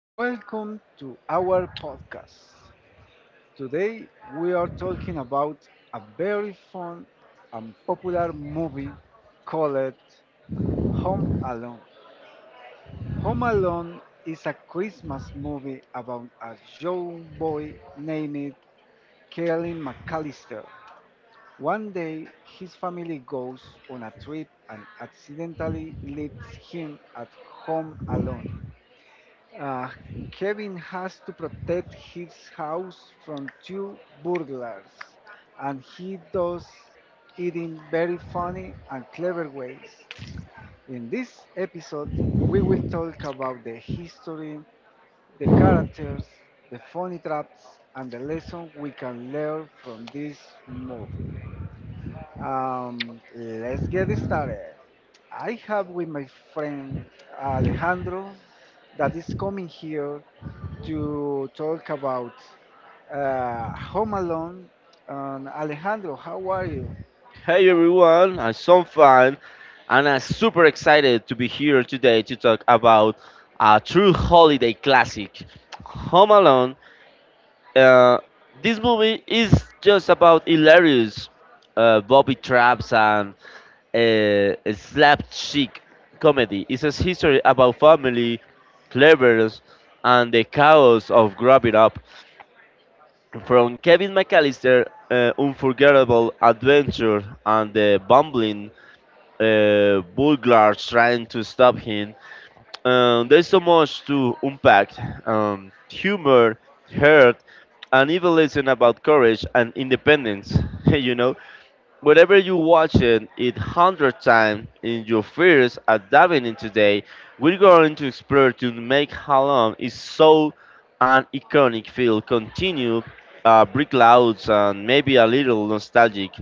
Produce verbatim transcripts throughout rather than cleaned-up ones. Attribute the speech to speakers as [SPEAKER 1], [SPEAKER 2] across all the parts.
[SPEAKER 1] Welcome to our podcast. Today, we are talking about a very fun and popular movie called Home Alone. Home Alone is a Christmas movie about a young boy named Kellen McAllister. One day, his family goes on a trip and accidentally leaves him at home alone. Uh, Kevin has to protect his house from two burglars, and he does it in very funny and clever ways. In this episode, we will talk about the history, the characters, the funny traps, and the lesson we can learn from this movie. Um, let's get started. I have with my friend Alejandro that is coming here to talk about uh, Home Alone. And Alejandro, how are you?
[SPEAKER 2] Hey everyone, I'm so fun and I'm super excited to be here today to talk about a true holiday classic, Home Alone. Uh, this movie is just about hilarious uh, Bobby traps and uh, a slapstick comedy. It's a history about family, cleverness, and the chaos of growing up. From Kevin McAllister, uh, unforgettable adventure, and the bumbling uh, Bulgars trying to stop him. Um, there's so much to unpack um, humor, hurt, and even lesson about courage and independence. you know, Whenever you watch it it hundred times in your fears at diving in today, we're going to explore to make how is so an iconic feel continue uh, brick louds and maybe a little nostalgic.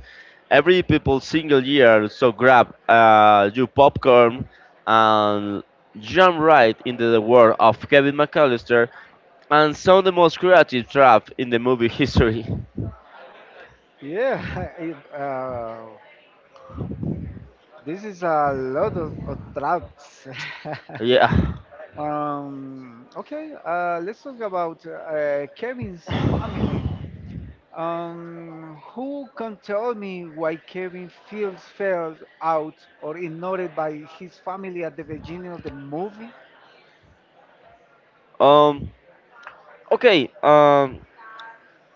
[SPEAKER 2] Every people single year, so grab uh, your popcorn and jump right into the world of Kevin McAllister and some of the most creative trap in the movie history.
[SPEAKER 1] Yeah, it, uh, this is a lot of, of traps.
[SPEAKER 2] Yeah.
[SPEAKER 1] um, okay, uh, let's talk about uh, Kevin's family. Um, who can tell me why Kevin feels felt out or ignored by his family at the beginning of the movie?
[SPEAKER 2] Um. Okay. Um.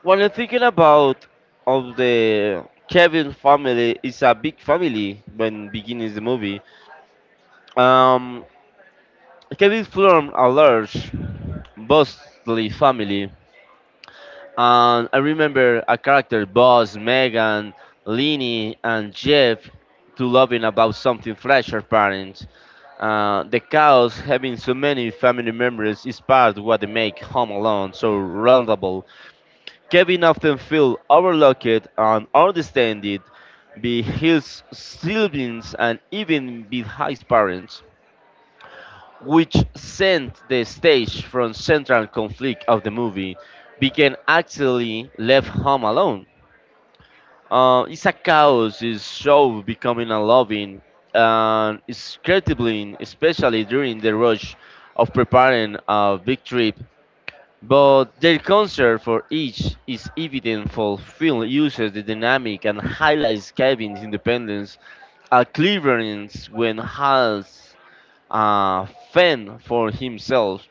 [SPEAKER 2] What I'm thinking about of the Kevin family is a big family when beginning the movie. Um, Kevin from a large, mostly family, and I remember a character, Boss, Megan, Lenny, and Jeff, to loving about something fresh her parents. Uh, the chaos having so many family members is part of what they make Home Alone so roundable. Kevin often feels overlooked and understated by his siblings and even by his parents, which sent the stage from central conflict of the movie became actually left home alone. Uh, it's a chaos, his show becoming a loving and it's incredibly, especially during the rush of preparing a big trip but their concern for each is evident for film uses the dynamic and highlights Kevin's independence, a cleverance when has a fan for himself,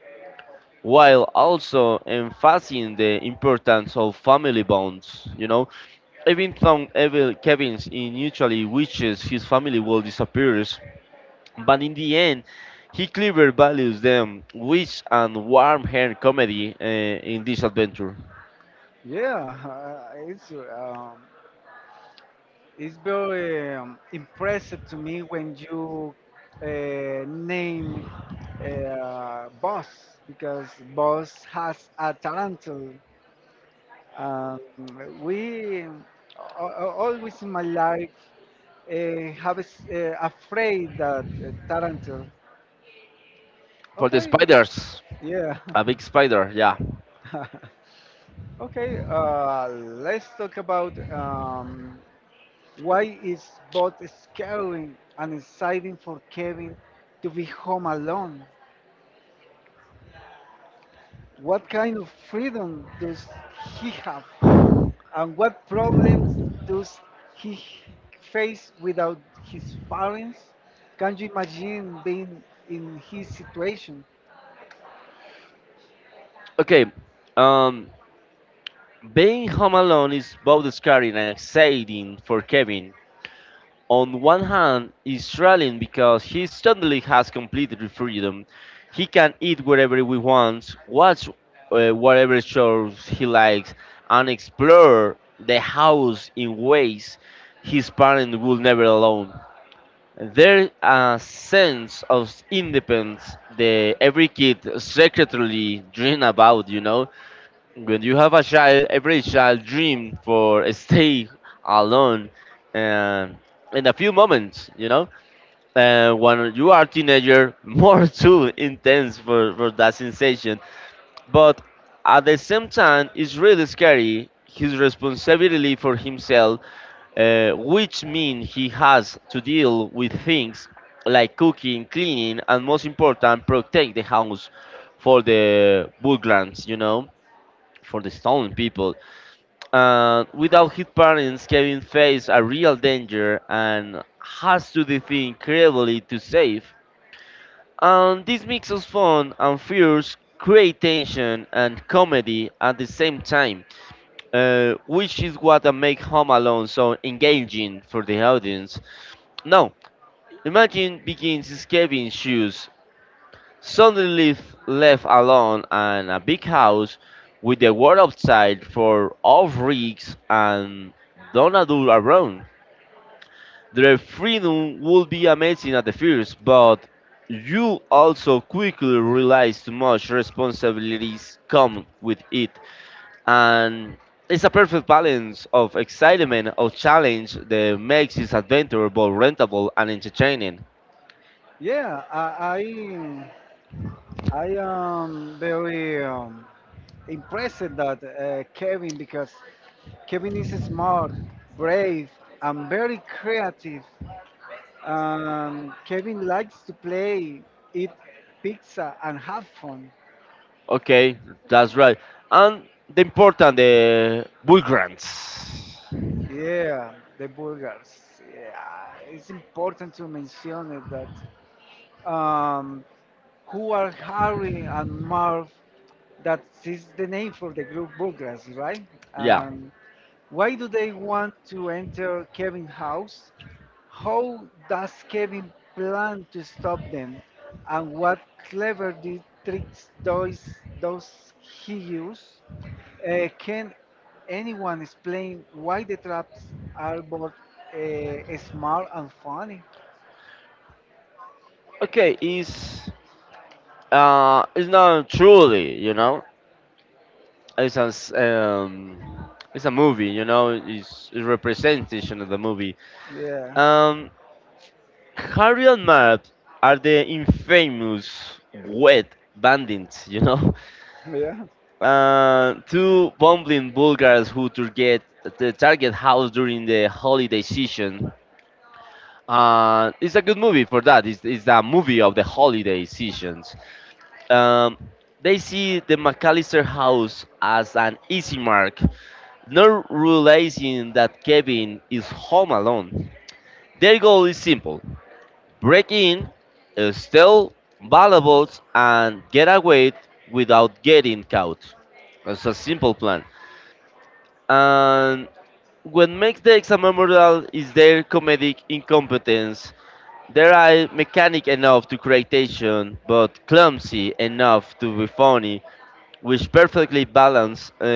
[SPEAKER 2] while also emphasizing the importance of family bonds, you know. Even though Evil Kevin's initially wishes his family will disappear, but in the end, he clearly values them, witch and warm hair comedy uh, in this adventure.
[SPEAKER 1] Yeah, uh, it's um, it's very um, impressive to me when you uh, name uh, Boss because Boss has a tarantul. Um, we a- a- always in my life uh, have a, s- uh, a that uh, tarantul.
[SPEAKER 2] For the
[SPEAKER 1] Okay,
[SPEAKER 2] spiders,
[SPEAKER 1] yeah.
[SPEAKER 2] a big spider, yeah.
[SPEAKER 1] Okay, uh, let's talk about um, why is both scary and exciting for Kevin to be home alone? What kind of freedom does he have? And what problems does he face without his parents? Can you imagine being in his situation?
[SPEAKER 2] Okay, um, being home alone is both scary and exciting for Kevin. On one hand is thrilling because he suddenly has complete freedom. He can eat whatever he wants, watch uh, whatever shows he likes, and explore the house in ways his parents would never allow. There's a sense of independence that every kid secretly dream about, you know, when you have a child, every child dream for stay alone and in a few moments, you know. And when you are teenager, more too intense for, for that sensation. But at the same time, it's really scary his responsibility for himself, uh, which means he has to deal with things like cooking, cleaning, and most important, protect the house for the Bulgarians, you know, for the stolen people. Uh, without his parents, Kevin faced a real danger and has to defend incredibly to save. And this mix of fun and fears create tension and comedy at the same time, uh, which is what makes Home Alone so engaging for the audience. Now, imagine begins in Kevin's shoes. Suddenly f- left alone and a big house with the world outside for off rigs and don't adult around. Their freedom would be amazing at the first, but you also quickly realize too much responsibilities come with it. And it's a perfect balance of excitement, of challenge that makes this adventure both rentable and entertaining.
[SPEAKER 1] Yeah, I I, I am very um, impressed that uh, Kevin because Kevin is smart, brave, and very creative. Um, Kevin likes to play, eat pizza, and have fun.
[SPEAKER 2] Okay, that's right. And the important, the migrants.
[SPEAKER 1] Yeah, the Bulgars. Yeah, it's important to mention it that um, who are Harry and Marv? That is the name for the group Bulgars, right? Yeah.
[SPEAKER 2] Yeah.
[SPEAKER 1] Um, why do they want to enter Kevin's house? How does Kevin plan to stop them, and what clever di- tricks does, does he use? Uh, can anyone explain why the traps are both uh, smart and funny?
[SPEAKER 2] Okay, is uh, it's not truly, you know, it's a s- um, it's a movie, you know, it's a representation of the movie.
[SPEAKER 1] Yeah,
[SPEAKER 2] Um, Harry and Matt are the infamous wet bandits, you know,
[SPEAKER 1] Yeah.
[SPEAKER 2] uh, two bumbling Bulgars who target the target house during the holiday season. Uh, it's a good movie for that. It's, it's a movie of the holiday seasons. Um, they see the McAllister house as an easy mark, not realizing that Kevin is home alone. Their goal is simple: break in, uh, steal valuables, and get away without getting caught. It's a simple plan. And what makes the exam memorable is their comedic incompetence. They are mechanic enough to creation, but clumsy enough to be funny, which perfectly balance uh,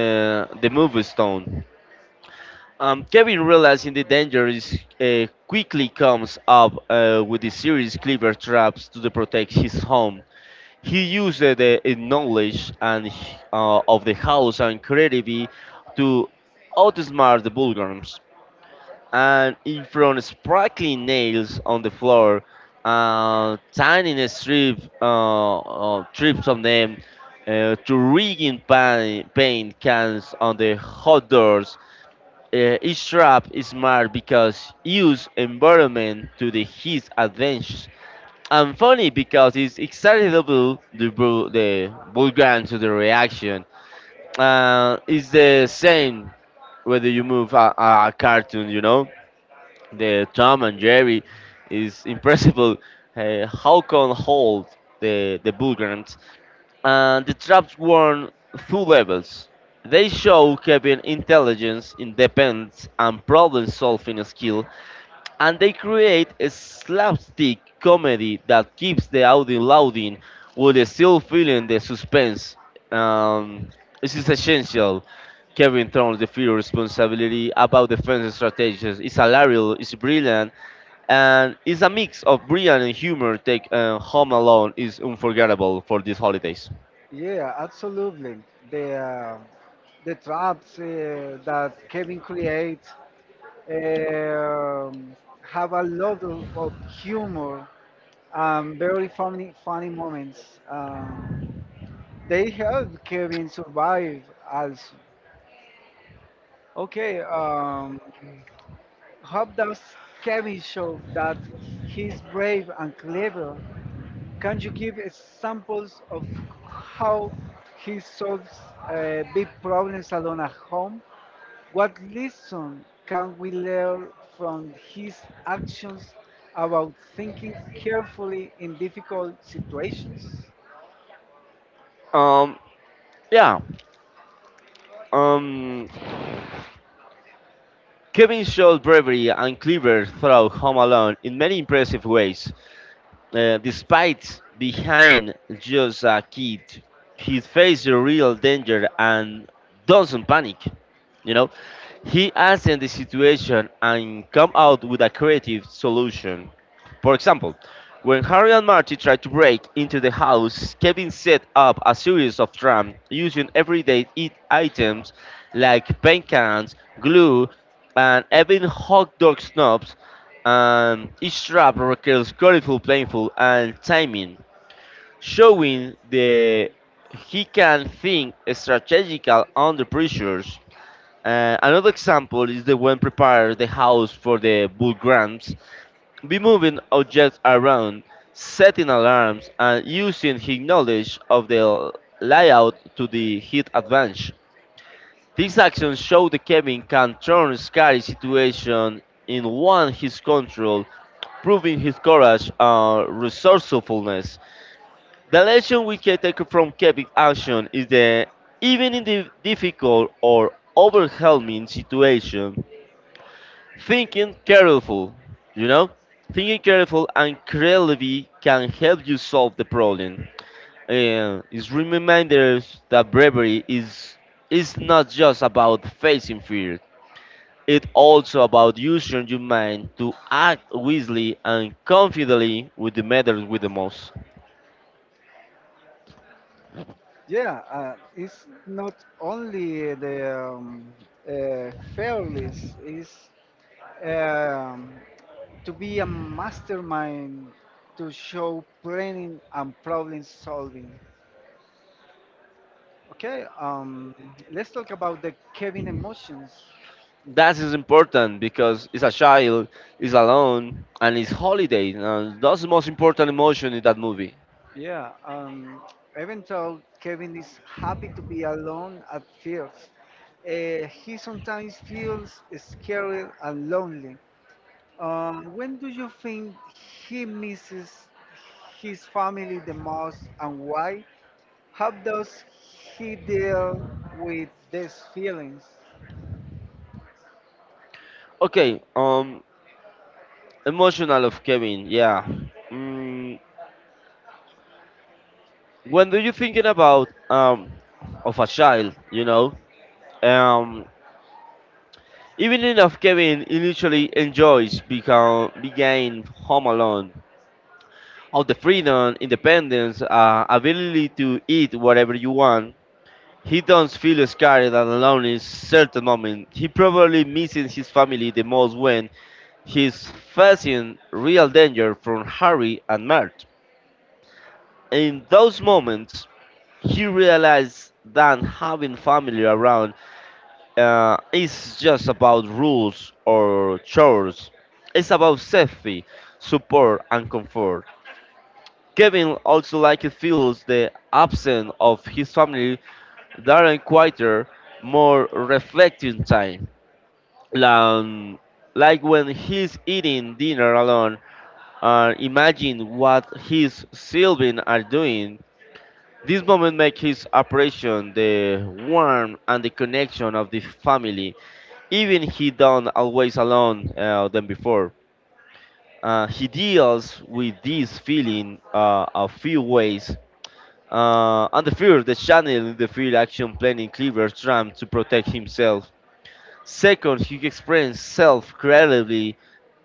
[SPEAKER 2] the movie's tone. Um, Kevin realizing the danger is uh, quickly comes up uh, with the series clever traps to the protect his home. He used uh, the uh, knowledge and uh, of the house and creativity to outsmart the Bulgars and in front sparkling nails on the floor, uh, tiny strip, uh, uh, strips of them, uh, to rigging paint, paint cans on the hot doors. Uh, each trap is smart because use environment to the his advantage. And funny because it's excitable the bu- the Bulgarian to the reaction. Uh, it's the same whether you move a, a a cartoon, you know, the Tom and Jerry is impressible. Uh, how can hold the the Bulgarians? And the traps were two levels. They show Kevin intelligence, independence, and problem-solving skill, and they create a slapstick comedy that keeps the audience loading while still feeling the suspense. Um, this is essential. Kevin turns the fear of responsibility about defense strategies. It's hilarious, it's brilliant, and it's a mix of brilliant and humor. Take uh, Home Alone is unforgettable for these holidays.
[SPEAKER 1] Yeah, absolutely. The uh, the traps uh, that Kevin creates um have a lot of, of humor. Um, very funny, funny moments. Um, they help Kevin survive. Also, okay. Um, how does Kevin show that he's brave and clever? Can you give examples of how he solves uh, big problems alone at home? What lesson can we learn from his actions about thinking carefully in difficult situations?
[SPEAKER 2] Um, yeah. Um, Kevin shows bravery and clever throughout Home Alone in many impressive ways. Uh, despite behind just a kid, he faces a real danger and doesn't panic. You know, he assess the situation and come out with a creative solution. For example, when Harry and Marty tried to break into the house, Kevin set up a series of traps using everyday eat items like paint cans, glue, and even hot dog snubs and each trap requires colorful, painful, and timing, showing that he can think strategical under pressures. Uh, another example is the when prepares the house for the bull grams, be moving objects around, setting alarms, and using his knowledge of the layout to the hit advantage. These actions show the Kevin can turn scary situation in one his control, proving his courage and resourcefulness. The lesson we can take from Kevin's action is that even in the difficult or overwhelming situation, thinking careful, you know, thinking careful and creatively can help you solve the problem. And it's reminders that bravery is is not just about facing fear. It's also about using your mind to act wisely and confidently with the matters with the most.
[SPEAKER 1] Yeah, uh, it's not only the um, uh, fearless, it's um, to be a mastermind to show planning and problem solving. Okay, um, let's talk about the Kevin emotions.
[SPEAKER 2] That is important because it's a child, it's alone, and it's holiday. And that's the most important emotion in that movie.
[SPEAKER 1] Yeah, um, even though Kevin is happy to be alone at first, uh, he sometimes feels scared and lonely. Uh, when do you think he misses his family the most and why? How does he deal with these feelings?
[SPEAKER 2] Okay, um, emotional of Kevin, yeah. Mm, when do you thinking about um of a child, you know? Um, Even enough Kevin initially enjoys become being home alone of the freedom, independence, uh, ability to eat whatever you want, he don't feel scared and alone in certain moment. He probably misses his family the most when he's facing real danger from Harry and Mert. In those moments, he realized that having family around uh, is just about rules or chores. It's about safety, support, and comfort. Kevin also likely feels the absence of his family during quieter, more reflective time, lan- like when he's eating dinner alone and imagine what his sibling are doing. This moment makes his appreciation the warmth and the connection of the family, even he don't always alone uh, than before. Uh, he deals with this feeling uh, a few ways. Uh, and the third, the channel the field action planning cleaver tram to protect himself. Second, he experienced self creatively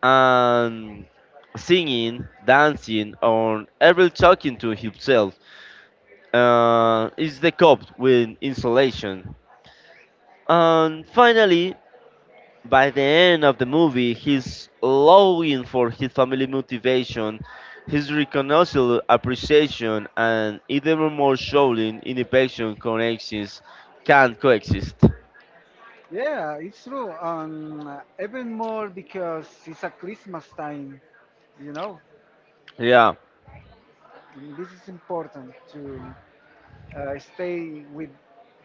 [SPEAKER 2] and singing, dancing, or even talking to himself. Uh, is the cop with insulation. And finally, by the end of the movie, he's longing for his family motivation, his recognizable appreciation, and even more showing in the passion connections can coexist.
[SPEAKER 1] Yeah, it's true. Um, even more because it's a Christmas time, you know.
[SPEAKER 2] Yeah,
[SPEAKER 1] This is important to uh, stay with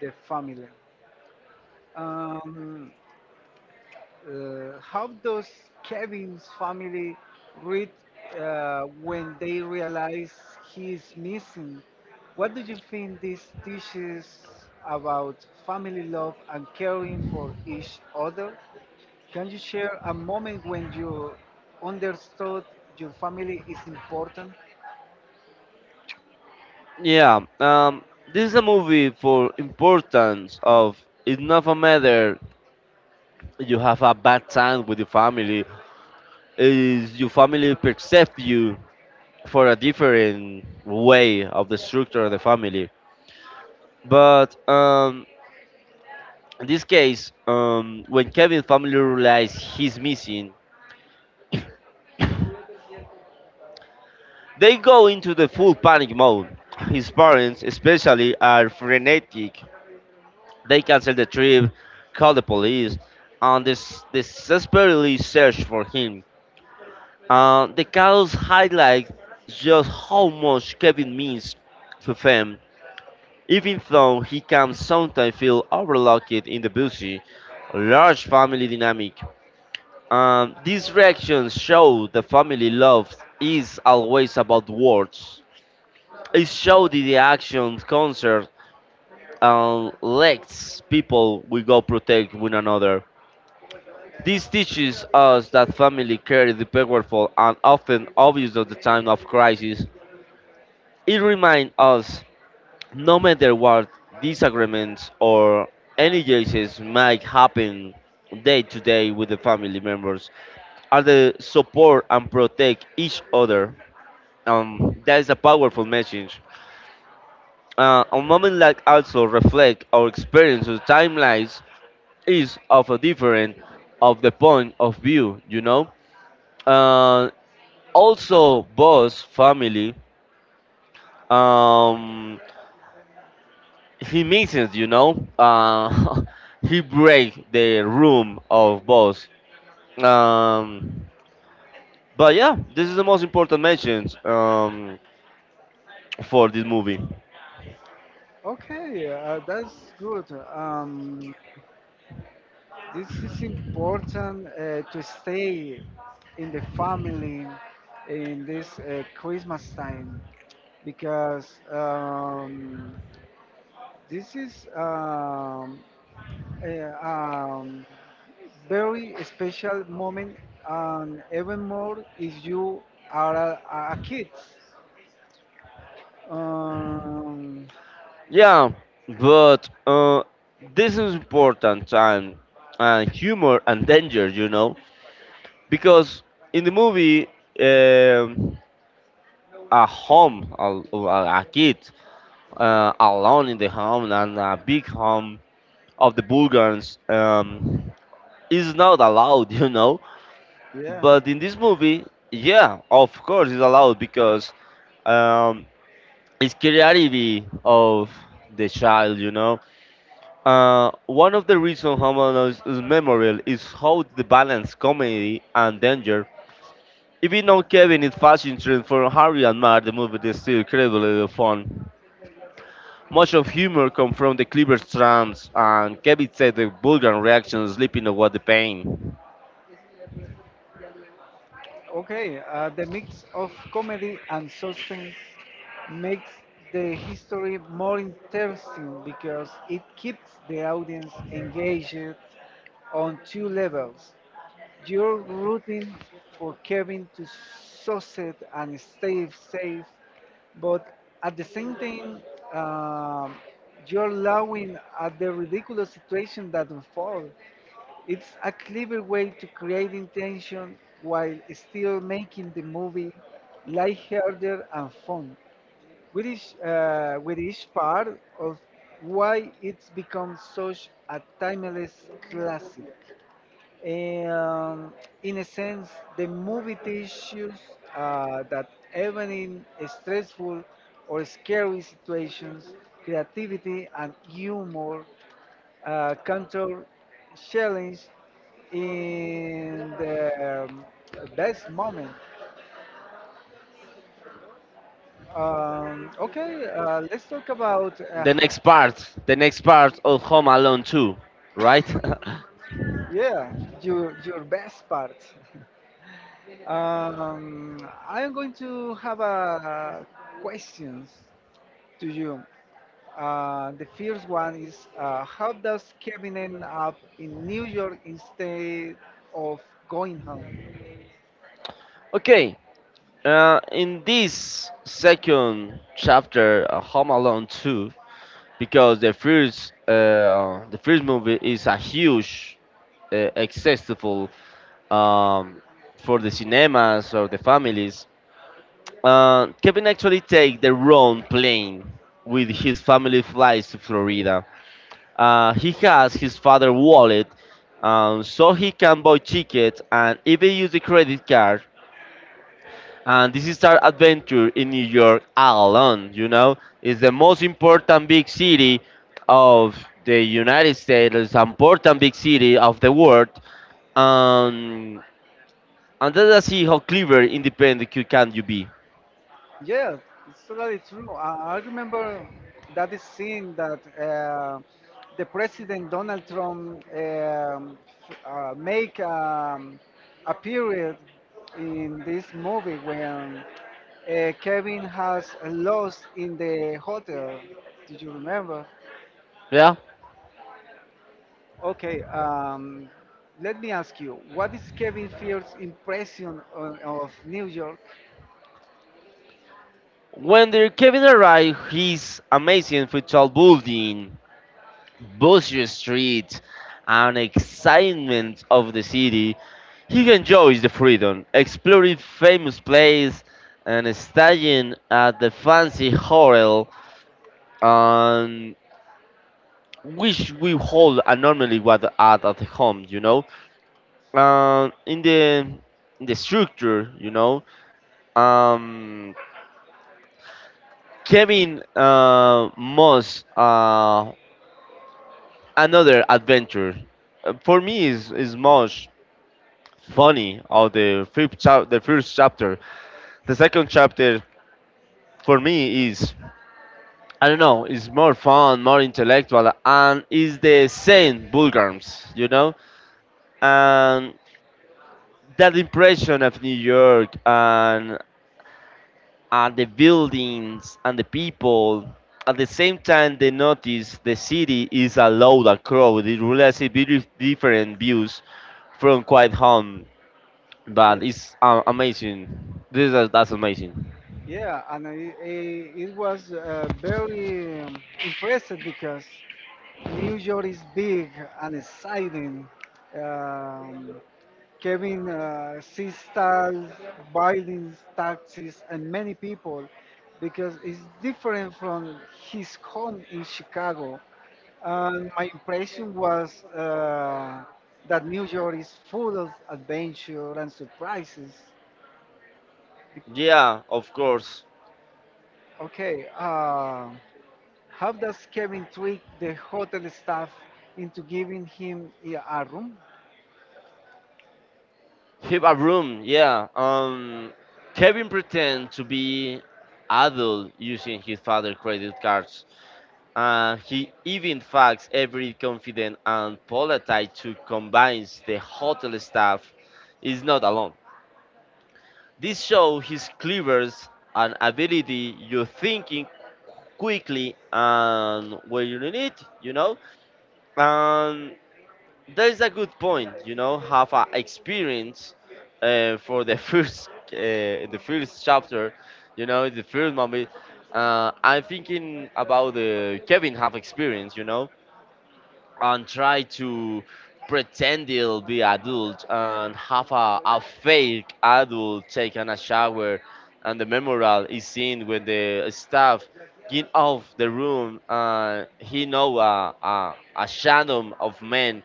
[SPEAKER 1] the family. Um, uh, how does Kevin's family read uh, when they realize he is missing? What do you think this teaches about family love and caring for each other? Can you share a moment when you understood your family is important?
[SPEAKER 2] yeah. Um, this is a movie for importance of it's not a matter you have a bad time with your family, is your family perceive you for a different way of the structure of the family. But um, in this case, um, when Kevin's family realize he's missing, they go into the full panic mode. His parents, especially, are frenetic. They cancel the trip, call the police, and des- desperately search for him. Uh, the chaos highlights just how much Kevin means to them, even though he can sometimes feel overlooked in the busy, large family dynamic. Um, these reactions show the family love is always about words. It showed in the action concert and lets people we go protect one another. This teaches us that family care is powerful and often obvious at the time of crisis. It reminds us, no matter what disagreements or any cases might happen day to day with the family members, are the support and protect each other. Um, that is a powerful message. Uh, a moment like also reflect our experience of timelines is of a different of the point of view, you know. Uh, Also, boss family, um, he misses, you know. Uh, he break the room of boss. Um, but yeah, this is the most important mentions um, for this movie.
[SPEAKER 1] Okay, uh, that's good. Um, This is important uh, to stay in the family in this uh, Christmas time because um, this is um, a um, very special moment, and even more if you are a, a a kid. Um,
[SPEAKER 2] Yeah, but uh, this is important and and humor and danger, you know, because in the movie, um, a home, a, a a kid uh, alone in the home and a big home of the Bulgarians, um, is not allowed, you know.
[SPEAKER 1] yeah.
[SPEAKER 2] But in this movie, yeah, of course it's allowed because um, it's creativity of the child, you know. Uh, one of the reasons Homeland is memorable is how the balance comedy and danger. Even though Kevin is fashion trend for Harry and Mark, the movie is still incredibly fun. Much of humor comes from the clever trams and Kevin said the vulgar reaction sleeping away the pain.
[SPEAKER 1] Okay, uh, the mix of comedy and suspense makes the history more interesting because it keeps the audience engaged on two levels. You're rooting for Kevin to succeed and stay safe, but at the same time, um, you're laughing at the ridiculous situation that unfolds. It's a clever way to create intention while still making the movie lighthearted and fun, which is, uh, which is part of why it's become such a timeless classic. And in a sense, the movie teaches uh, that even in stressful or scary situations, creativity and humor uh, contour challenge in the um, best moment. Um, okay, uh, let's talk about uh,
[SPEAKER 2] The next part, the next part of Home Alone two, right?
[SPEAKER 1] yeah, your your best part. Um, I am going to have uh, questions to you. Uh, the first one is uh, how does Kevin end up in New York instead of going home?
[SPEAKER 2] Okay, uh, in this second chapter, uh, Home Alone two, because the first uh, the first movie is a huge uh, accessible um, for the cinemas or the families. Uh, Kevin actually take the wrong plane with his family flies to Florida. Uh, he has his father wallet, um, so he can buy tickets and even use the credit card, and this is our adventure in New York all alone. You know, it's the most important big city of the United States, it's an important big city of the world, um, and let us see how clever, independent you can you be.
[SPEAKER 1] Yes, it's totally true. I, I remember that is scene that uh, the president Donald Trump um, f- uh, make um, a period in this movie when uh, Kevin has lost in the hotel. Did you remember?
[SPEAKER 2] Yeah.
[SPEAKER 1] Okay, um, let me ask you, what is Kevin Fear's impression o- of New York?
[SPEAKER 2] When the Kevin arrived, he's amazing for tall building, busy streets and excitement of the city, he enjoys the freedom, exploring famous places and staying at the fancy hotel, um, which we hold and normally what at at home, you know. Um, in the in the structure, you know, um, Kevin uh, must uh, another adventure. Uh, For me, is is much funny of the fifth chap the first chapter. The second chapter for me is, I don't know, is more fun, more intellectual and is the same Bulgars, you know? And that impression of New York and and the buildings and the people, at the same time they notice the city is a loud and crowded. It really has a very different views from quite home.
[SPEAKER 1] Yeah,
[SPEAKER 2] But it's uh, amazing. This is, that's amazing.
[SPEAKER 1] yeah, and it, it, it was uh, very um, impressive because New York is big and exciting. Um, Kevin uh, sees stars, buildings, taxis, and many people because it's different from his home in Chicago. And my impression was uh, that New York is full of adventure and surprises.
[SPEAKER 2] Yeah, of course.
[SPEAKER 1] Okay, uh, how does Kevin trick the hotel staff into giving him i- a room?
[SPEAKER 2] Keep a room. Yeah. Um, Kevin pretend to be adult using his father's credit cards. Uh, he even faxed every confident and polite to convince the hotel staff is not alone. This show his clevers and ability you thinking quickly and where you need it, you know. And that is a good point. You know, have a experience uh, for the first uh, the first chapter. You know, the first moment. Uh, I'm thinking about the Kevin have experience. You know, and try to pretend he'll be adult and have a, a fake adult taking a shower, and the memorial is seen when the staff get off the room. And he know a, a a shadow of man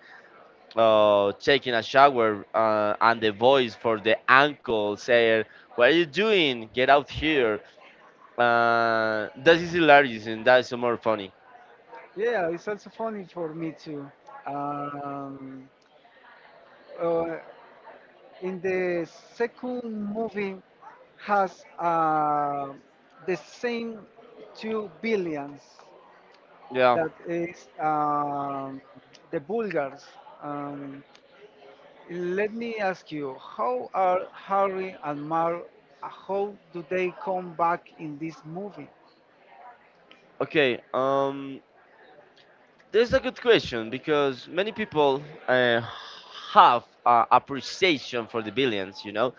[SPEAKER 2] uh, taking a shower, uh, and the voice for the uncle saying, "What are you doing? Get out here!" Uh, that is hilarious and that is more funny.
[SPEAKER 1] Yeah, it's also funny for me too. Um, uh, in the second movie, has uh, the same two billions.
[SPEAKER 2] Yeah.
[SPEAKER 1] That is um, the Bulgars. Um, Let me ask you, how are Harry and Mar? uh, How do they come back in this movie?
[SPEAKER 2] Okay. Um, this a good question because many people uh, have uh, appreciation for the billions. You know.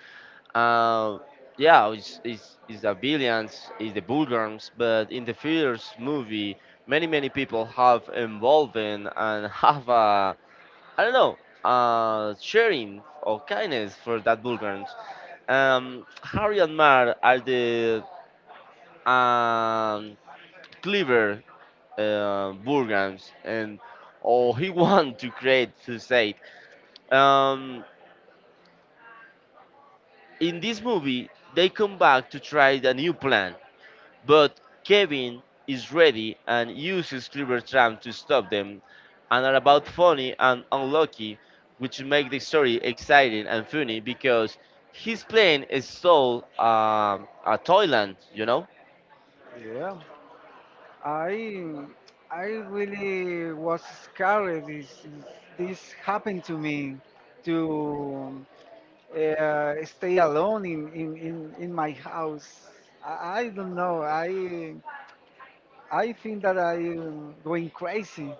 [SPEAKER 2] Um, yeah, it's, it's, it's the villains, it's the Bulgarians, but in the first movie, many, many people have involved in and have a, I don't know, uh, sharing or kindness for that Bulgarians. Um, Harry and Mar are the um, clever uh, Bulgarians, and or he want to create suicide. Um, in this movie, they come back to try a new plan. But Kevin is ready and uses Cleaver Tram to stop them and are about funny and unlucky, which make the story exciting and funny because his plane is sold um, at Thailand, you know?
[SPEAKER 1] Yeah. I I really was scared. This this happened to me to uh, stay alone in, in, in, in my house. I, I don't know. I I think that I'm going crazy.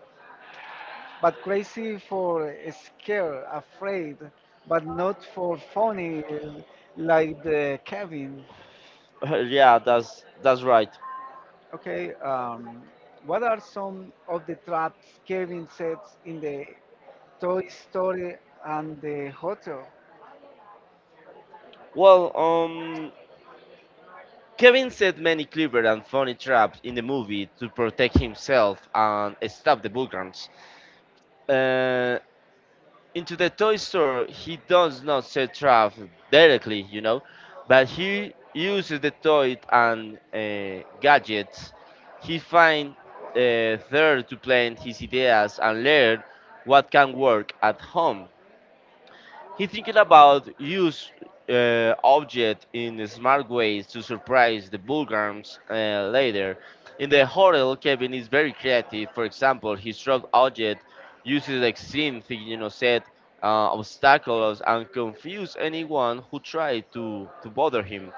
[SPEAKER 1] But crazy for scared, afraid, but not for funny uh, like the Kevin.
[SPEAKER 2] Yeah, that's that's right.
[SPEAKER 1] Okay, um, what are some of the traps Kevin sets in the Toy Story and the hotel?
[SPEAKER 2] Well, um, Kevin set many clever and funny traps in the movie to protect himself and stop the Bulgarians. Uh, into the toy store he does not set trap directly, you know, but he uses the toy and uh, gadgets he finds uh, there to plan his ideas and learn what can work at home. He thinking about use uh, object in smart ways to surprise the Bulgarians uh, later. In the hotel, Kevin is very creative. For example, his strong object uses extreme thinking, you know, set uh, obstacles and confuse anyone who try to, to bother him.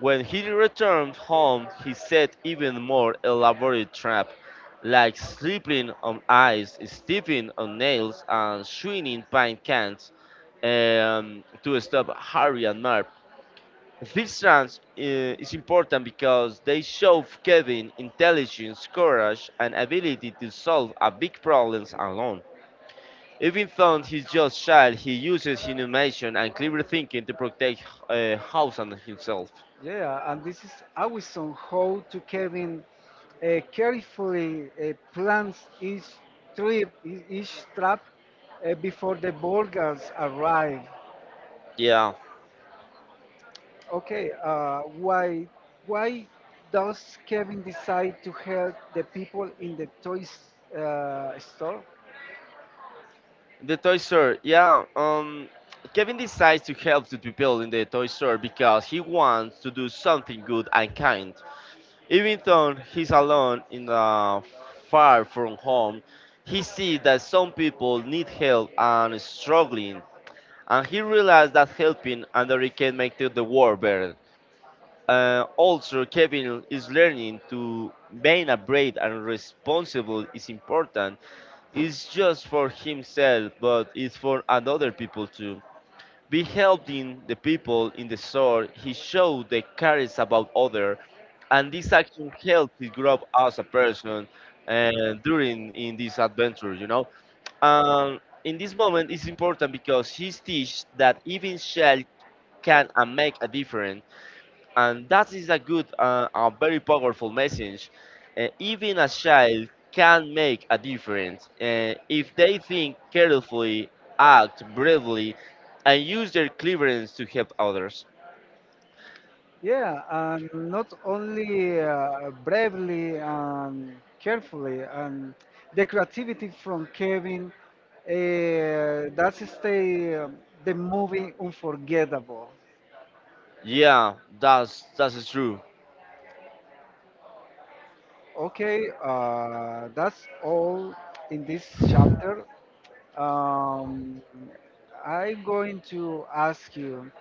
[SPEAKER 2] When he returned home, he set even more elaborate traps, like slipping on ice, stepping on nails, and swinging pine cans um, to stop Harry and Marv. This trance uh, is important because they show Kevin intelligence, courage, and ability to solve a big problems alone. Even though he's just shy, he uses innovation and clever thinking to protect uh, House and himself.
[SPEAKER 1] Yeah, and this is awesome how to Kevin uh, carefully uh, plans each trip, e- each trap uh, before the burglars arrive.
[SPEAKER 2] Yeah.
[SPEAKER 1] Okay, uh, why why does Kevin decide to help the people in the toys uh, store?
[SPEAKER 2] The toy store, yeah. Um, Kevin decides to help the people in the toy store because he wants to do something good and kind. Even though he's alone in the far from home, he sees that some people need help and is struggling, and he realizes that helping another can make the the world better. Uh, also, Kevin is learning to being a brave and responsible is important, it's just for himself, but it's for another people too. Be helping the people in the store, he showed the cares about other, and this action helped to grow up as a person and during in this adventure, you know. Um, in this moment, it's important because he teach that even child can and make a difference, and that is a good uh, and very powerful message. Uh, even a child can make a difference uh, if they think carefully, act bravely, and use their cleverness to help others.
[SPEAKER 1] Yeah, and not only uh, bravely and carefully, and the creativity from Kevin uh, that's stay um, the movie unforgettable.
[SPEAKER 2] Yeah, that's that's true.
[SPEAKER 1] Okay, uh, that's all in this chapter. Um, I'm going to ask you,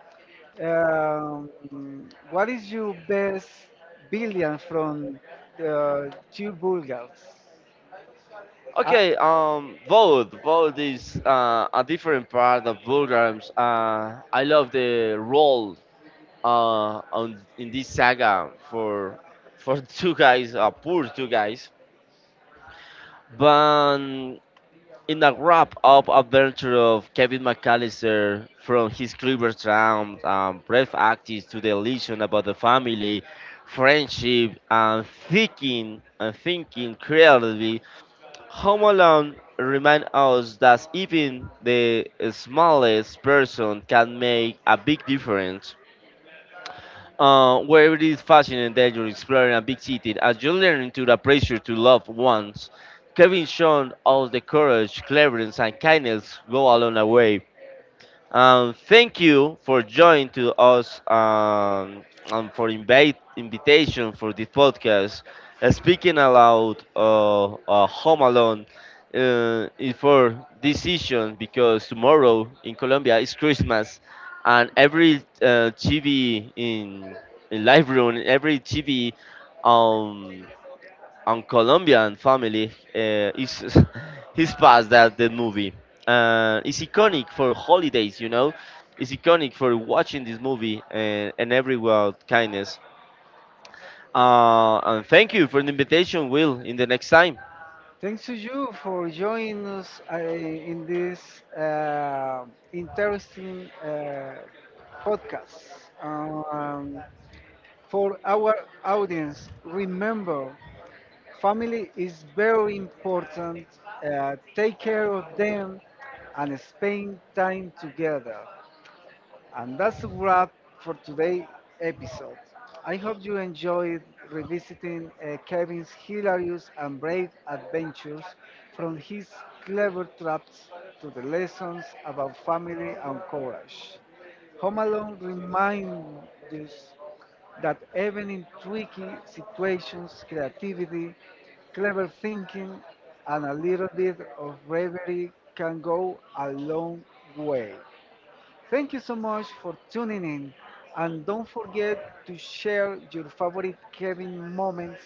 [SPEAKER 1] um, what is your best billion from the two Bulgars?
[SPEAKER 2] Okay, um, vote. Vote is uh, a different part of programs. Uh, I love the role uh, on in this saga
[SPEAKER 1] Uh,
[SPEAKER 2] for for two guys, uh, poor two guys. But in a wrap up adventure of Kevin McAllister, from his clever charm and brave acting to the illusion about the family, friendship, and thinking and thinking creatively, Home Alone reminds us that even the smallest person can make a big difference. Uh, wherever it is fascinating that you're exploring a big city as you learn to the pressure to love ones, Kevin shown us the courage, cleverness, and kindness go along the way. Um, thank you for joining to us um, and for invite invitation for this podcast. Uh, speaking aloud, uh, uh, Home Alone uh, is for decision because tomorrow in Colombia is Christmas and every uh, T V in, in live room, every T V, um, on Colombian family uh, is his past that the movie. Uh, it's iconic for holidays, you know. It's iconic for watching this movie and, and everywhere kindness. Uh, and thank you for the invitation, Will. In the next time,
[SPEAKER 1] Thanks to you for joining us uh, in this uh, interesting uh, podcast. Um, for our audience, remember family is very important. Uh, take care of them and spend time together. And that's a wrap for today's episode. I hope you enjoyed revisiting uh, Kevin's hilarious and brave adventures from his clever traps to the lessons about family and courage. Home Alone reminds us that even in tricky situations, creativity, clever thinking, and a little bit of bravery can go a long way. Thank you so much for tuning in. And don't forget to share your favorite cabin moments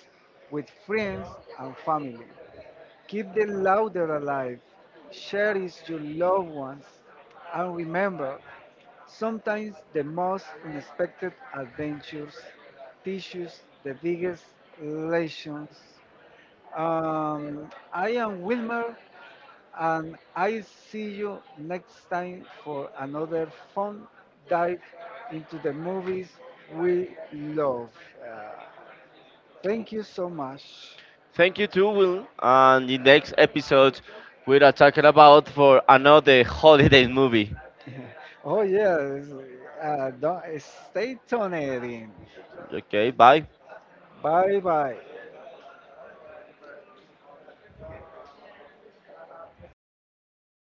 [SPEAKER 1] with friends and family. Keep the laughter alive. Share it with your loved ones. And remember, sometimes the most unexpected adventures teach us the biggest lessons. Um, I am Wilmer and I see you next time for another fun dive into the movies we love. Uh, Thank you so much.
[SPEAKER 2] thank you too, Will. And the next episode, we are talking about for another holiday movie.
[SPEAKER 1] Oh yes, uh, don't, stay tuned.
[SPEAKER 2] Okay, bye.
[SPEAKER 1] Bye bye.